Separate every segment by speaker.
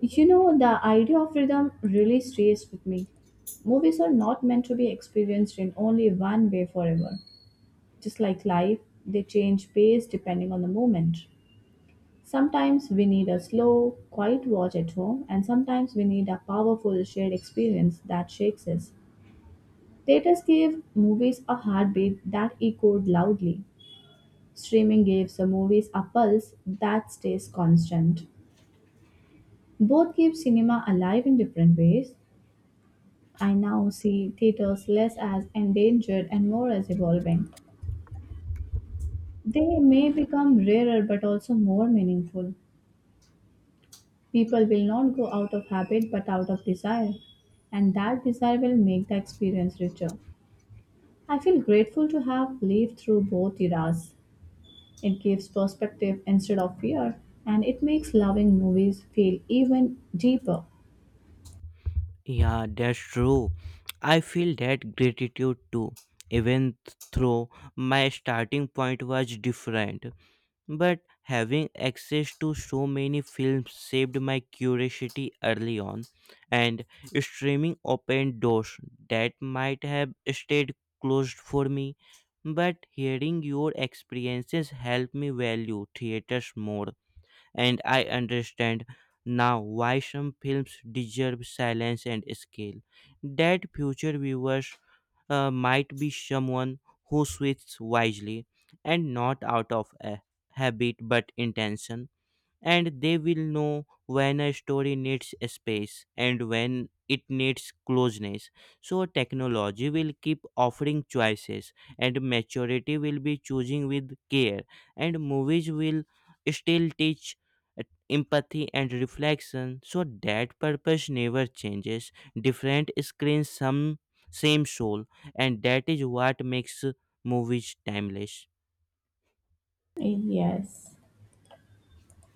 Speaker 1: You know, the idea of rhythm really stays with me. Movies are not meant to be experienced in only one way forever. Just like life, they change pace depending on the moment. Sometimes we need a slow, quiet watch at home, and sometimes we need a powerful shared experience that shakes us. Theaters gave movies a heartbeat that echoed loudly. Streaming gives the movies a pulse that stays constant. Both keep cinema alive in different ways. I now see theaters less as endangered and more as evolving. They may become rarer but also more meaningful. People will not go out of habit but out of desire, and that desire will make the experience richer. I feel grateful to have lived through both eras. It gives perspective instead of fear, and it makes loving movies feel even deeper.
Speaker 2: Yeah, that's true. I feel that gratitude too, even though my starting point was different. But having access to so many films saved my curiosity early on, and streaming opened doors that might have stayed closed for me. But hearing your experiences helped me value theaters more and I understand now why some films deserve silence and scale. That future viewers might be someone who switches wisely and not out of a habit but intention, and they will know when a story needs a space and when it needs closeness. So technology will keep offering choices, and maturity will be choosing with care, and movies will still teach uh, empathy and reflection so that purpose never changes. Different screens, some same soul, and that is what makes movies timeless.
Speaker 1: Yes.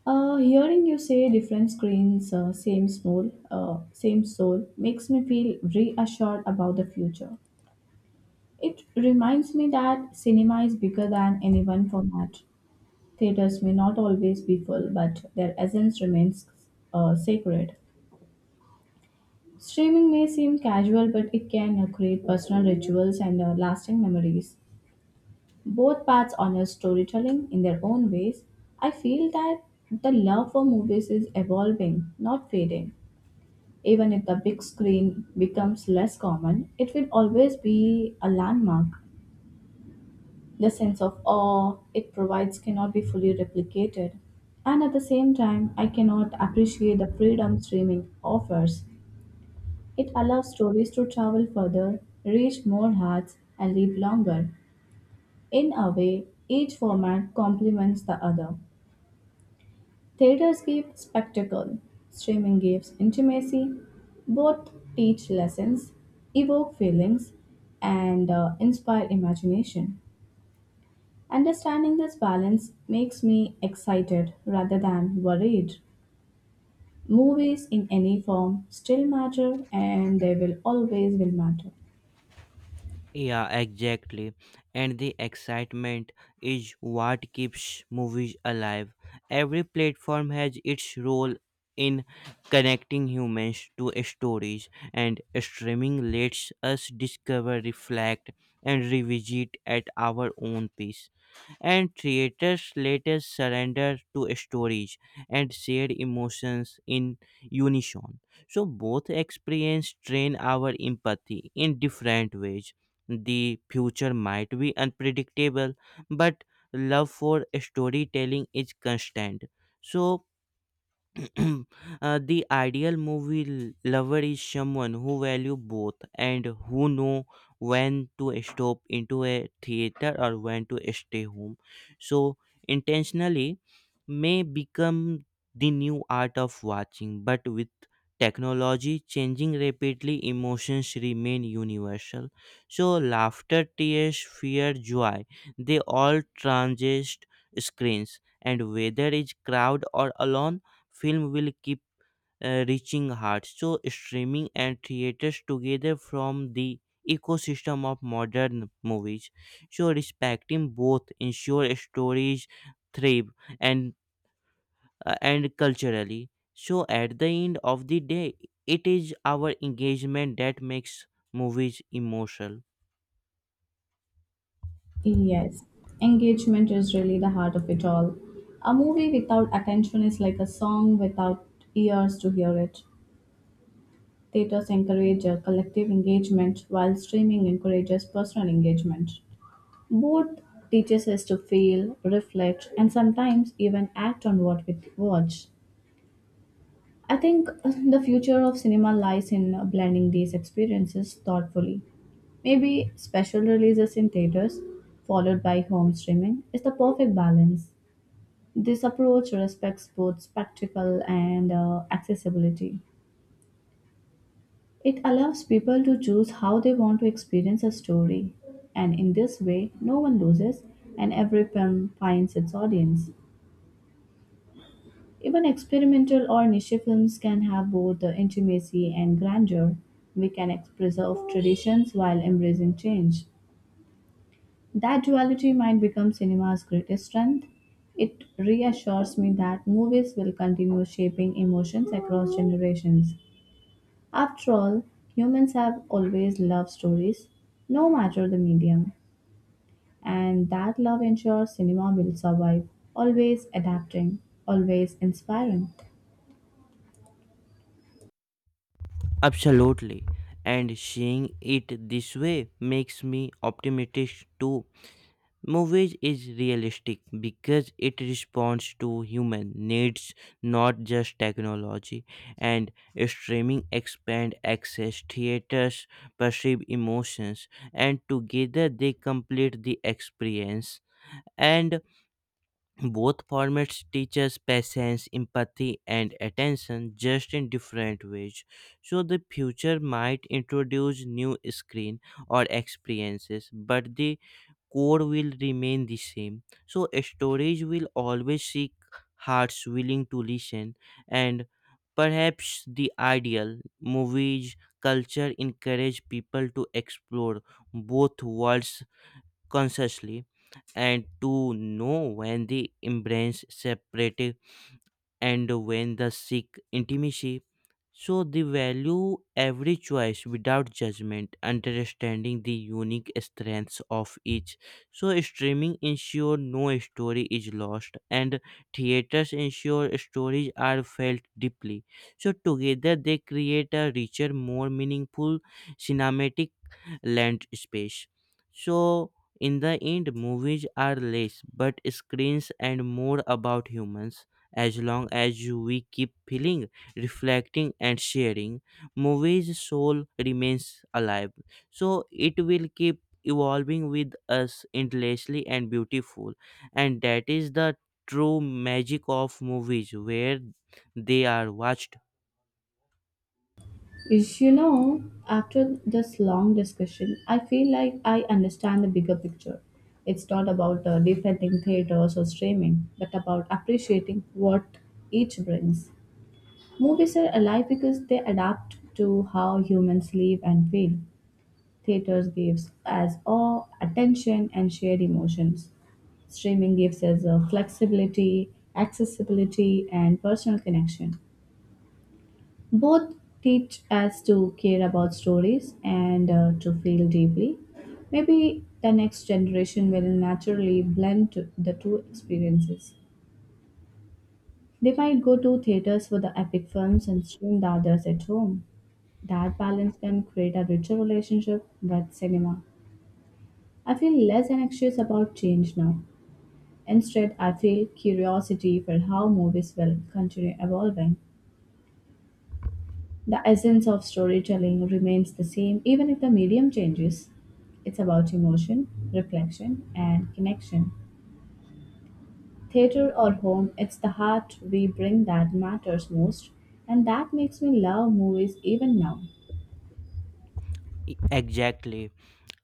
Speaker 1: Hearing you say different screens, same soul, makes me feel reassured about the future. It reminds me that cinema is bigger than any one format. Theaters may not always be full, but their essence remains sacred. Streaming may seem casual, but it can create personal rituals and lasting memories. Both paths honor storytelling in their own ways. I feel that the love for movies is evolving, not fading. Even if the big screen becomes less common, it will always be a landmark. The sense of awe it provides cannot be fully replicated. And at the same time, I cannot appreciate the freedom streaming offers. It allows stories to travel further, reach more hearts, and live longer. In a way, each format complements the other. Theaters give spectacle, streaming gives intimacy. Both teach lessons, evoke feelings, and inspire imagination. Understanding this balance makes me excited rather than worried. Movies in any form still matter and they will always will matter.
Speaker 2: Yeah, exactly. And the excitement is what keeps movies alive. Every platform has its role in connecting humans to stories, and streaming lets us discover, reflect, and revisit at our own pace. And theaters let us surrender to stories and shared emotions in unison. So both experience train our empathy in different ways. The future might be unpredictable, but love for storytelling is constant. So, The ideal movie lover is someone who value both and who know when to stop into a theater or when to stay home, so intentionally may become the new art of watching, but with technology changing rapidly, emotions remain universal. So laughter, tears, fear, joy, they all transist screens, and whether it's crowd or alone, film will keep reaching hearts. So streaming and theaters together from the ecosystem of modern movies. So respecting both ensure stories thrive and, and culturally. So at the end of the day, it is our engagement that makes movies emotional.
Speaker 1: Yes, engagement is really the heart of it all. A movie without attention is like a song without ears to hear it. Theaters encourage collective engagement while streaming encourages personal engagement. Both teaches us to feel, reflect, and sometimes even act on what we watch. I think the future of cinema lies in blending these experiences thoughtfully. Maybe special releases in theaters, followed by home streaming, is the perfect balance. This approach respects both spectacle and accessibility. It allows people to choose how they want to experience a story, and in this way, no one loses and every film finds its audience. Even experimental or niche films can have both the intimacy and grandeur. We can preserve traditions while embracing change. That duality might become cinema's greatest strength. It reassures me that movies will continue shaping emotions across generations. After all, humans have always loved stories, no matter the medium, and that love ensures cinema will survive, always adapting, always inspiring.
Speaker 2: Absolutely. And seeing it this way makes me optimistic too. Movies is realistic because it responds to human needs, not just technology. And streaming expand access, theaters perceive emotions, and together they complete the experience. And both formats teach us patience, empathy, and attention, just in different ways. So the future might introduce new screen or experiences, but the core will remain the same. So storage will always seek hearts willing to listen, and perhaps the ideal movies culture encourage people to explore both worlds consciously and to know when they embrace separate and when the seek intimacy. So they value every choice without judgment, understanding the unique strengths of each. So streaming ensure no story is lost, and theaters ensure stories are felt deeply. So together they create a richer, more meaningful cinematic land space. So in the end, movies are less but screens and more about humans. As long as you- we keep feeling, reflecting, and sharing, movies' soul remains alive. So it will keep evolving with us endlessly and beautiful. And that is the true magic of movies where they are watched.
Speaker 1: You know, after this long discussion, I feel like I understand the bigger picture. It's not about defending theaters or streaming, but about appreciating what each brings. Movies are alive because they adapt to how humans live and feel. Theaters gives us awe, attention, and shared emotions. Streaming gives us flexibility, accessibility, and personal connection. Both teach us to care about stories and to feel deeply. Maybe the next generation will naturally blend the two experiences. They might go to theaters for the epic films and stream the others at home. That balance can create a richer relationship with cinema. I feel less anxious about change now. Instead, I feel curiosity for how movies will continue evolving. The essence of storytelling remains the same even if the medium changes. It's about emotion, reflection, and connection. Theater or home, it's the heart we bring that matters most, and that makes me love movies even now.
Speaker 2: E- exactly.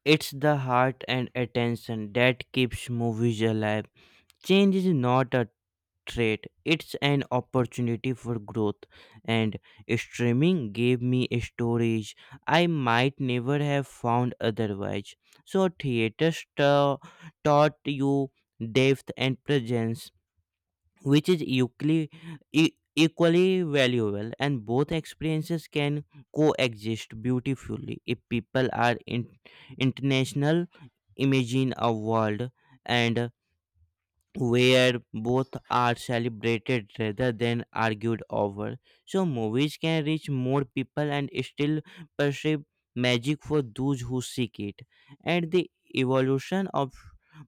Speaker 2: It's the heart and attention that keeps movies alive. Change is not a threat, it's an opportunity for growth. And streaming gave me stories I might never have found otherwise. So theaters taught you depth and presence, which is equally equally valuable, and both experiences can coexist beautifully if people are in, international imagine a world, and where both are celebrated rather than argued over. So movies can reach more people and still perceive magic for those who seek it. And the evolution of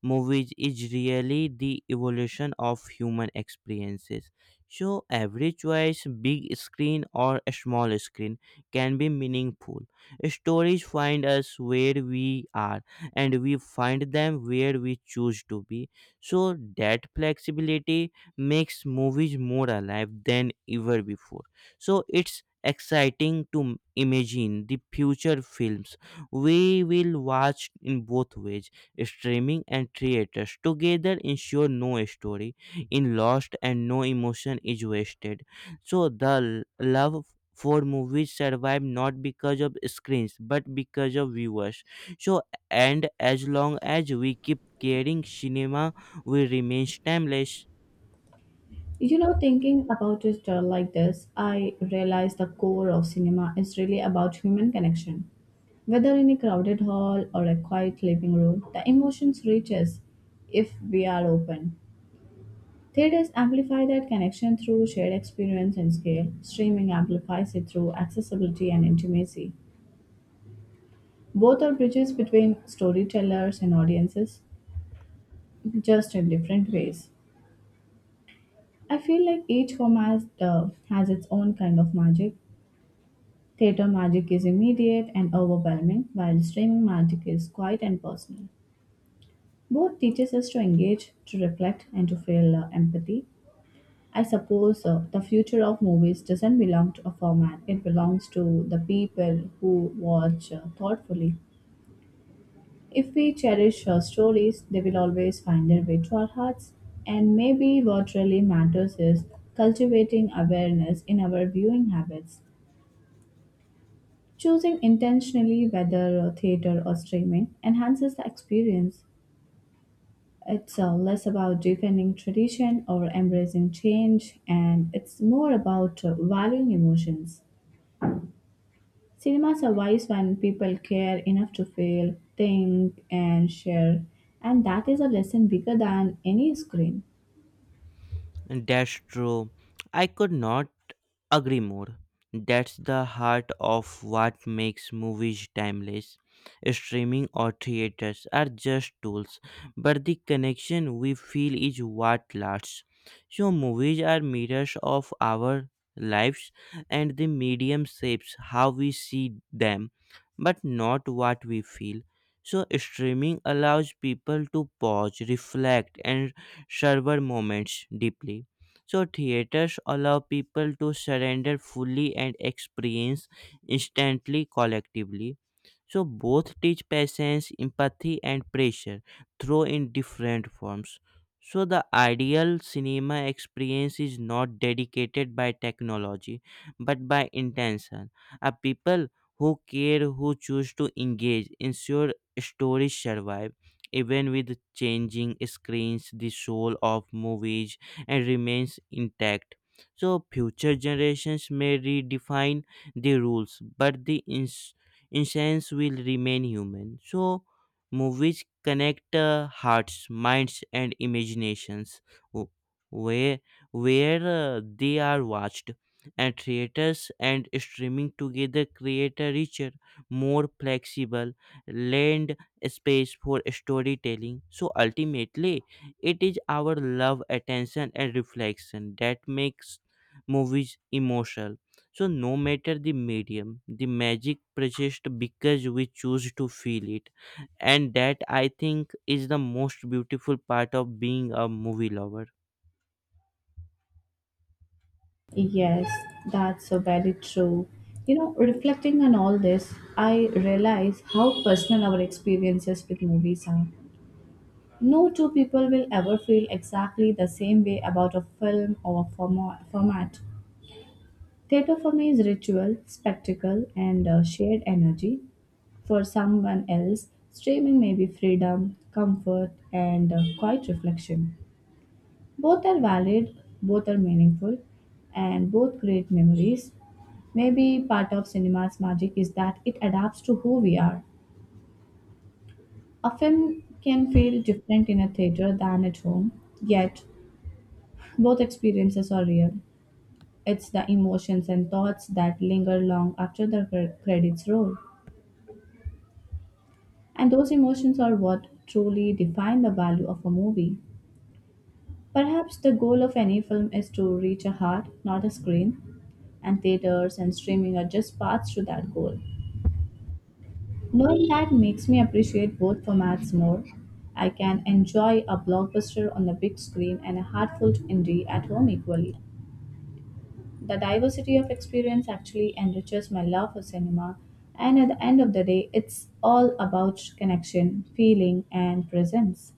Speaker 2: movies is really the evolution of human experiences. So every choice, big screen or a small screen, can be meaningful. Stories find us where we are, and we find them where we choose to be, so that flexibility makes movies more alive than ever before. So it's exciting to imagine the future films we will watch in both ways. Streaming and theaters together ensure no story in lost and no emotion is wasted, so the love for movies survive not because of screens but because of viewers. So, and as long as we keep caring cinema, we remains timeless.
Speaker 1: You know, thinking about it like this, I realize the core of cinema is really about human connection. Whether in a crowded hall or a quiet living room, the emotions reach us if we are open. Theaters amplify that connection through shared experience and scale. Streaming amplifies it through accessibility and intimacy. Both are bridges between storytellers and audiences, just in different ways. I feel like each format has its own kind of magic. Theatre magic is immediate and overwhelming, while streaming magic is quiet and personal. Both teaches us to engage, to reflect, and to feel empathy. I suppose the future of movies doesn't belong to a format, it belongs to the people who watch thoughtfully. If we cherish stories, they will always find their way to our hearts. And maybe what really matters is cultivating awareness in our viewing habits. Choosing intentionally whether theater or streaming enhances the experience. It's less about defending tradition or embracing change, and it's more about valuing emotions. Cinema survives when people care enough to feel, think, and share, and that is a lesson bigger than any screen.
Speaker 2: That's true. I could not agree more. That's the heart of what makes movies timeless. Streaming or theaters are just tools, but the connection we feel is what lasts. So movies are mirrors of our lives, and the medium shapes how we see them, but not what we feel. So streaming allows people to pause, reflect, and server moments deeply. So theaters allow people to surrender fully and experience instantly collectively. So both teach patience, empathy, and pressure, though in different forms. So the ideal cinema experience is not dedicated by technology but by intention. A people who care, who choose to engage, ensure stories survive. Even with changing screens, the soul of movies and remains intact. So future generations may redefine the rules, but the essence will remain human. So movies connect hearts, minds, and imaginations. w- Where where they are watched, and theaters and streaming together create a richer, more flexible land space for storytelling. So ultimately, it is our love, attention, and reflection that makes movies emotional. So no matter the medium, the magic persists because we choose to feel it, and that I think is the most beautiful part of being a movie lover.
Speaker 1: Yes, that's so very true. You know, reflecting on all this, I realize how personal our experiences with movies are. No two people will ever feel exactly the same way about a film or format. Theatre for me is ritual, spectacle, and shared energy. For someone else, streaming may be freedom, comfort, and quiet reflection. Both are valid, both are meaningful, and both create memories. Maybe part of cinema's magic is that it adapts to who we are. A film can feel different in a theater than at home, yet both experiences are real. It's the emotions and thoughts that linger long after the credits roll. And those emotions are what truly define the value of a movie. Perhaps the goal of any film is to reach a heart, not a screen, and theaters and streaming are just paths to that goal. Knowing that makes me appreciate both formats more. I can enjoy a blockbuster on the big screen and a heartfelt indie at home equally. The diversity of experience actually enriches my love for cinema, and at the end of the day, it's all about connection, feeling, and presence.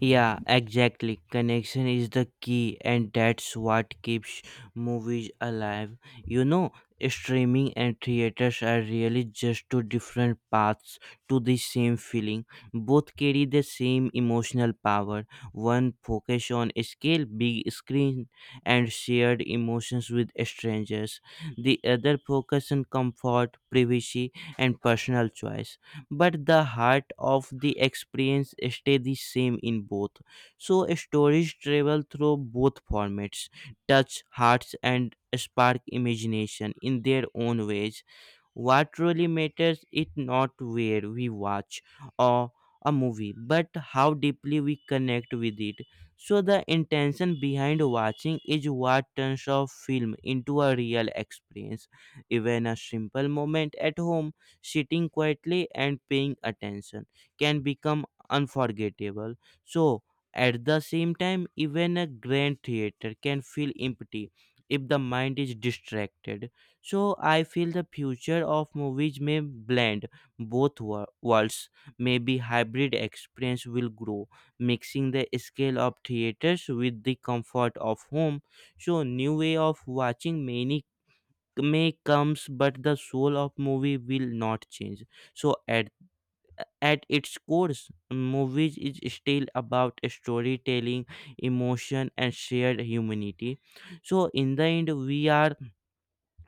Speaker 2: Yeah, exactly. Connection is the key, and that's what keeps movies alive. You know, streaming and theaters are really just two different paths to the same feeling. Both carry the same emotional power. One focus on scale, big screen, and shared emotions with strangers. The other focus on comfort, privacy, and personal choice, but the heart of the experience stay the same in both. So stories travel through both formats, touch hearts, and spark imagination in their own ways. What really matters is not where we watch or a movie, but how deeply we connect with it. So the intention behind watching is what turns a film into a real experience. Even a simple moment at home, sitting quietly and paying attention, can become unforgettable. So at the same time, even a grand theater can feel empty if the mind is distracted. So I feel the future of movies may blend both worlds. Maybe hybrid experience will grow, mixing the scale of theaters with the comfort of home. So new way of watching many may comes, but the soul of movie will not change. So at its core, movies is still about storytelling, emotion, and shared humanity. So in the end, we are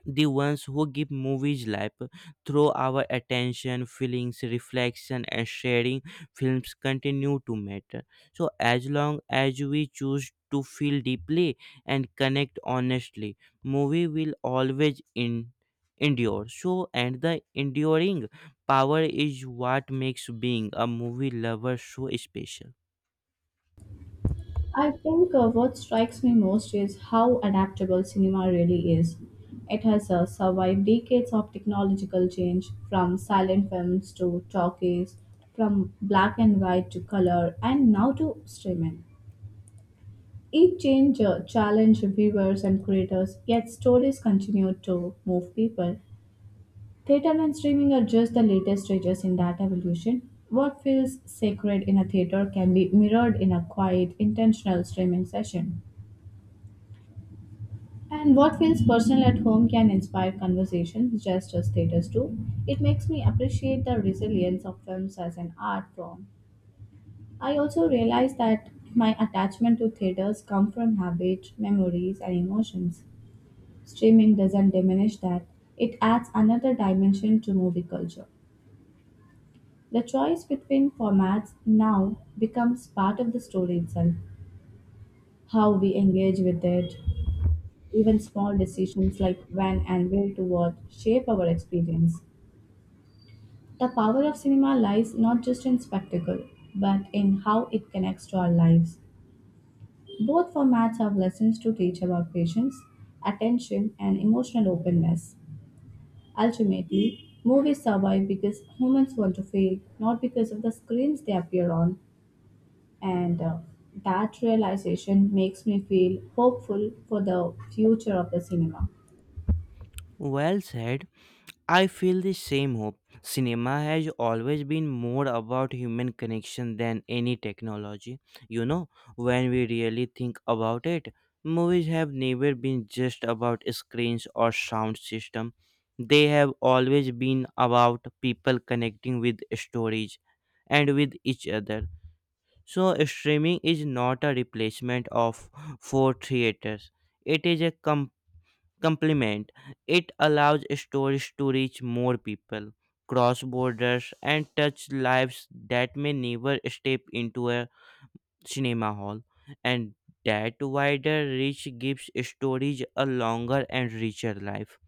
Speaker 2: the ones who give movies life through our attention, feelings, reflection, and sharing. Films continue to matter, so as long as we choose to feel deeply and connect honestly, movie will always in endure. So, and the enduring power is what makes being a movie lover so special.
Speaker 1: I think what strikes me most is how adaptable cinema really is. It has survived decades of technological change, from silent films to talkies, from black and white to color, and now to streaming. Each change challenged viewers and creators, yet stories continued to move people. Theater and streaming are just the latest stages in that evolution. What feels sacred in a theater can be mirrored in a quiet, intentional streaming session. And what feels personal at home can inspire conversations just as theaters do. It makes me appreciate the resilience of films as an art form. I also realize that my attachment to theaters come from habit, memories, and emotions. Streaming doesn't diminish that. It adds another dimension to movie culture. The choice between formats now becomes part of the story itself, how we engage with it. Even small decisions like when and where to watch shape our experience. The power of cinema lies not just in spectacle, but in how it connects to our lives. Both formats have lessons to teach about patience, attention, and emotional openness. Ultimately, movies survive because humans want to feel, not because of the screens they appear on. And that realization makes me feel hopeful for the future of the cinema.
Speaker 2: Well said. I feel the same hope. Cinema has always been more about human connection than any technology. You know, when we really think about it, movies have never been just about screens or sound system. They have always been about people connecting with stories and with each other. So streaming is not a replacement of for theaters. It is a complement. It allows stories to reach more people, cross borders, and touch lives that may never step into a cinema hall. And that wider reach gives stories a longer and richer life.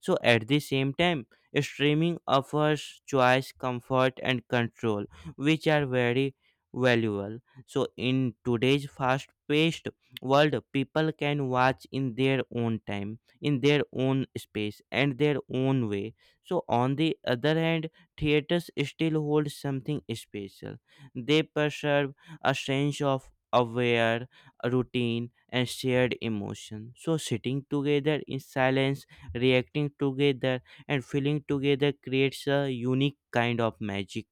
Speaker 2: So at the same time, streaming offers choice, comfort, and control, which are very valuable. So in today's fast-paced world, people can watch in their own time, in their own space, and their own way. So on the other hand, theaters still hold something special. They preserve a sense of aware routine and shared emotion. So sitting together in silence, reacting together, and feeling together creates a unique kind of magic.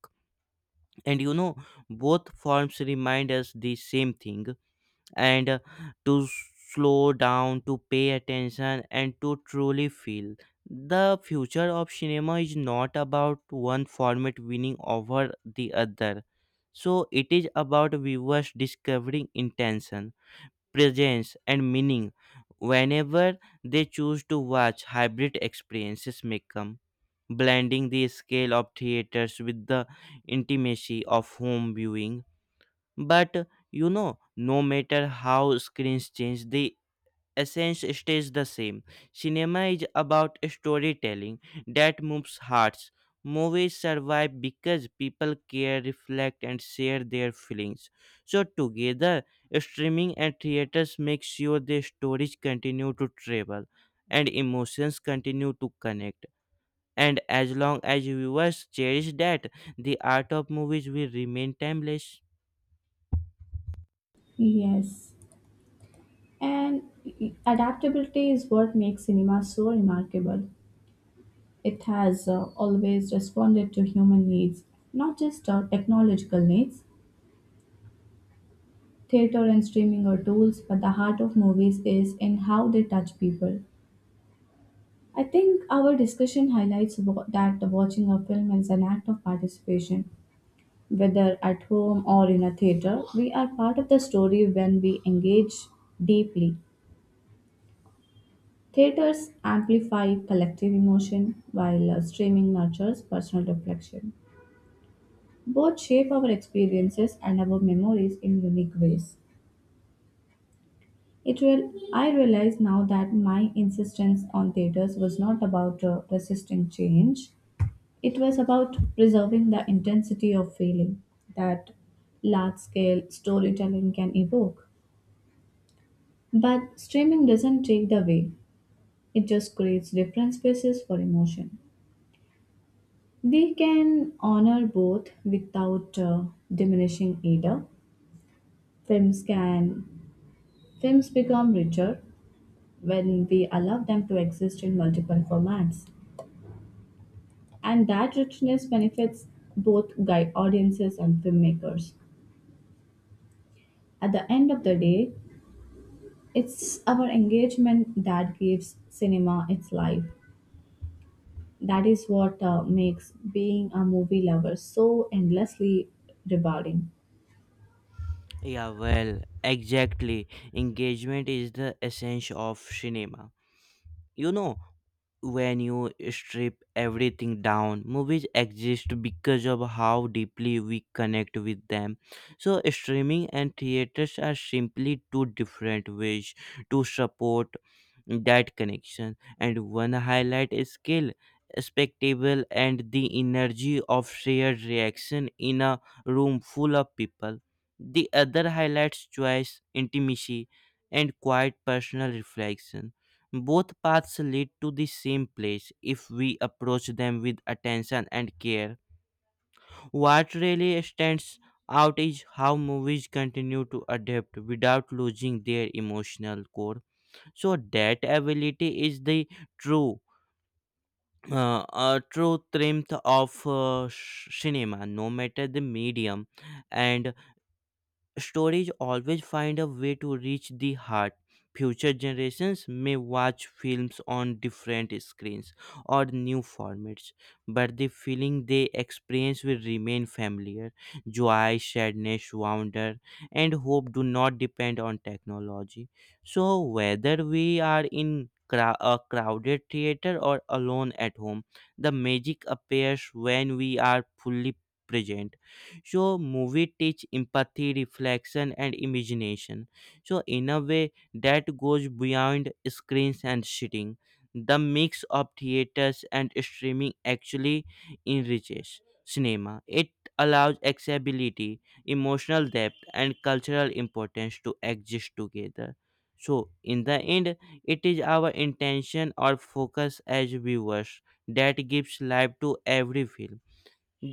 Speaker 2: And you know, both forms remind us the same thing, and, to slow down, to pay attention, and to truly feel. The future of cinema is not about one format winning over the other, so it is about viewers discovering intention, presence, and meaning whenever they choose to watch. Hybrid experiences may come, blending the scale of theaters with the intimacy of home viewing. But you know, no matter how screens change, the essence stays the same. Cinema is about storytelling that moves hearts. Movies survive because people care, reflect, and share their feelings. So together, streaming and theaters make sure the stories continue to travel and emotions continue to connect. And as long as viewers cherish that, the art of movies will remain timeless.
Speaker 1: Yes. And adaptability is what makes cinema so remarkable. It has always responded to human needs, not just technological needs. Theater and streaming are tools, but the heart of movies is in how they touch people. I think our discussion highlights that the watching a film is an act of participation. Whether at home or in a theater, we are part of the story when we engage deeply. Theaters amplify collective emotion while streaming nurtures personal reflection. Both shape our experiences and our memories in unique ways. It will, I realize now that my insistence on theaters was not about resisting change. It was about preserving the intensity of feeling that large scale storytelling can evoke. But streaming doesn't take the way; it just creates different spaces for emotion. They can honor both without diminishing either. Films can Films become richer when we allow them to exist in multiple formats, and that richness benefits both guy audiences and filmmakers. At the end of the day, it's our engagement that gives cinema its life. That is what makes being a movie lover so endlessly rewarding.
Speaker 2: Yeah, well, exactly. Engagement is the essence of cinema. You know, when you strip everything down, movies exist because of how deeply we connect with them. So streaming and theaters are simply two different ways to support that connection. And one highlight is skill, spectacle, and the energy of shared reaction in a room full of people. The other highlights choice, intimacy, and quiet personal reflection. Both paths lead to the same place if we approach them with attention and care. What really stands out is how movies continue to adapt without losing their emotional core. So that ability is the true true strength of cinema. No matter the medium, and stories always find a way to reach the heart. Future generations may watch films on different screens or new formats, but the feeling they experience will remain familiar. Joy, sadness, wonder, and hope do not depend on technology. So whether we are in a crowded theater or alone at home, the magic appears when we are fully present. So movie teach empathy, reflection, and imagination, so in a way that goes beyond screens and sitting. The mix of theaters and streaming actually enriches cinema. It allows accessibility, emotional depth, and cultural importance to exist together. So in the end, it is our intention or focus as viewers that gives life to every film.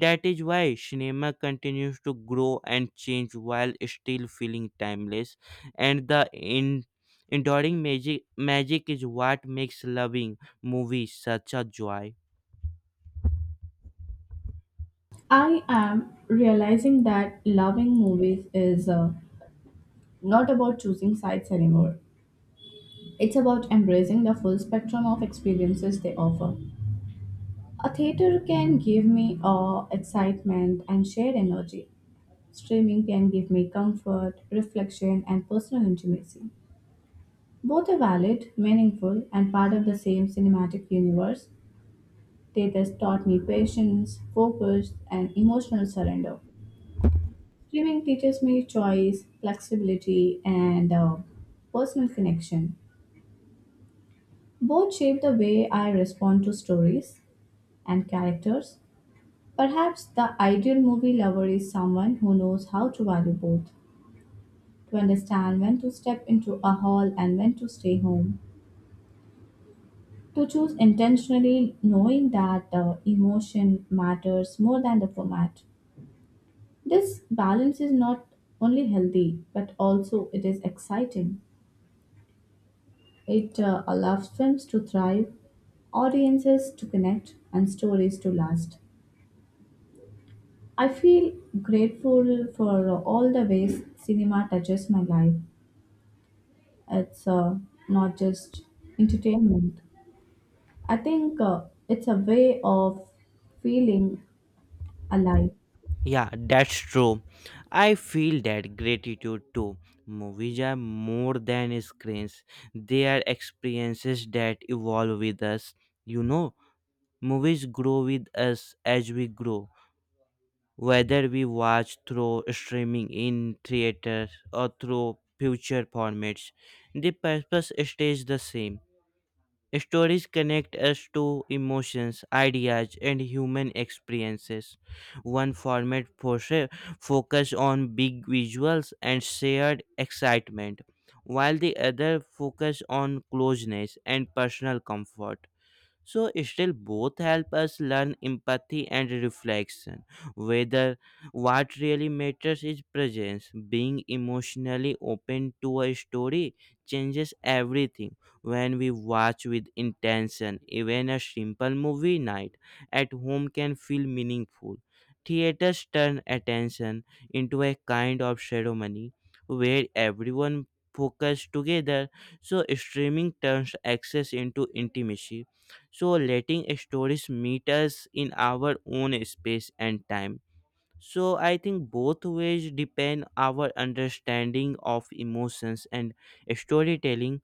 Speaker 2: That is why cinema continues to grow and change while still feeling timeless, and the enduring magic is what makes loving movies such a joy.
Speaker 1: I am realizing that loving movies is not about choosing sides anymore. It's about embracing the full spectrum of experiences they offer. A theater can give me awe, excitement, and shared energy. Streaming can give me comfort, reflection, and personal intimacy. Both are valid, meaningful, and part of the same cinematic universe. They thus taught me patience, focus, and emotional surrender. Swimming teaches me choice, flexibility, and personal connection. Both shape the way I respond to stories and characters. Perhaps the ideal movie lover is someone who knows how to value both, to understand when to step into a hall and when to stay home, to choose intentionally knowing that the emotion matters more than the format. This balance is not only healthy, but also it is exciting. It allows films to thrive, audiences to connect, and stories to last. I feel grateful for all the ways cinema touches my life. It's not just entertainment. I think it's a way of feeling alive.
Speaker 2: Yeah, that's true. I feel that gratitude too. Movies are more than screens, they are experiences that evolve with us. You know, movies grow with us as we grow. Whether we watch through streaming in theaters or through future formats, the purpose stays the same. Stories connect us to emotions, ideas, and human experiences. One format focus on big visuals and shared excitement, while the other focus on closeness and personal comfort. So still, both help us learn empathy and reflection. Whether what really matters is presence, being emotionally open to a story changes everything. When we watch with intention, even a simple movie night at home can feel meaningful. Theaters turn attention into a kind of ceremony where everyone focuses together, so streaming turns access into intimacy, so letting stories meet us in our own space and time. So I think both ways depend our understanding of emotions and storytelling.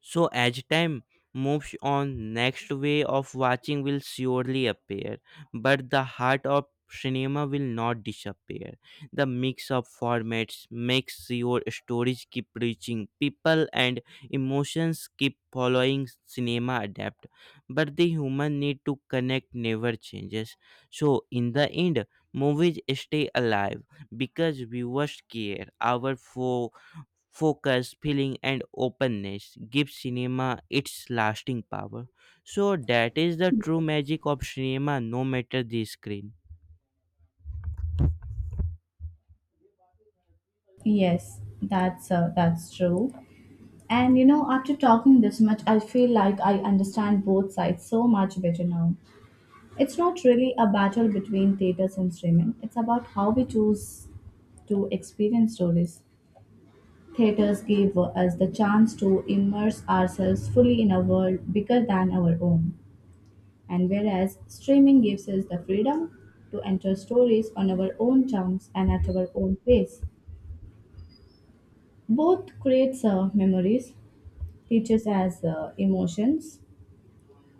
Speaker 2: So as time moves on, next way of watching will surely appear, but the heart of cinema will not disappear. The mix of formats makes your stories keep reaching people and emotions keep following cinema adapt. But the human need to connect never changes. So in the end, movies stay alive because viewers care. Our focus, feeling, and openness give cinema its lasting power. So that is the true magic of cinema, no matter the screen.
Speaker 1: Yes, that's true. And you know, after talking this much, I feel like I understand both sides so much better now. It's not really a battle between theaters and streaming. It's about how we choose to experience stories. Theaters give us the chance to immerse ourselves fully in a world bigger than our own. And whereas streaming gives us the freedom to enter stories on our own terms and at our own pace. Both creates memories, teaches us emotions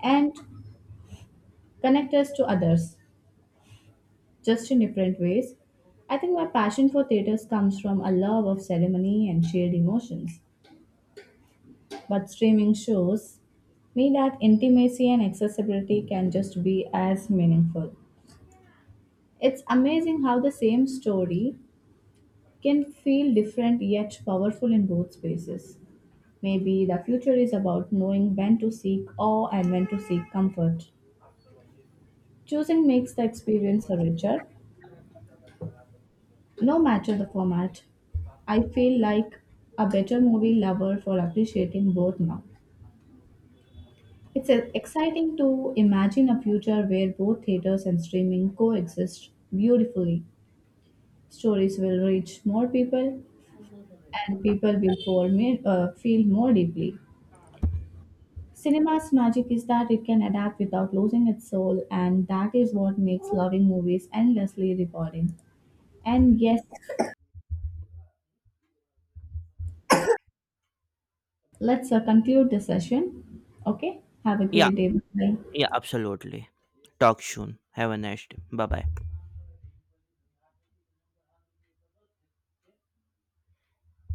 Speaker 1: and connect us to others just in different ways. I think my passion for theaters comes from a love of ceremony and shared emotions, but streaming shows me that intimacy and accessibility can just be as meaningful. It's amazing how the same story can feel different yet powerful in both spaces. Maybe the future is about knowing when to seek awe and when to seek comfort. Choosing makes the experience richer, no matter the format. I feel like a better movie lover for appreciating both now. It's exciting to imagine a future where both theaters and streaming coexist beautifully. Stories will reach more people, and people will for me, feel more deeply. Cinema's magic is that it can adapt without losing its soul, and that is what makes loving movies endlessly rewarding. And yes, let's conclude the session. Okay. Have a
Speaker 2: Yeah,
Speaker 1: great day. Bye.
Speaker 2: yeah, absolutely. Talk soon. Have a nice day. Bye bye.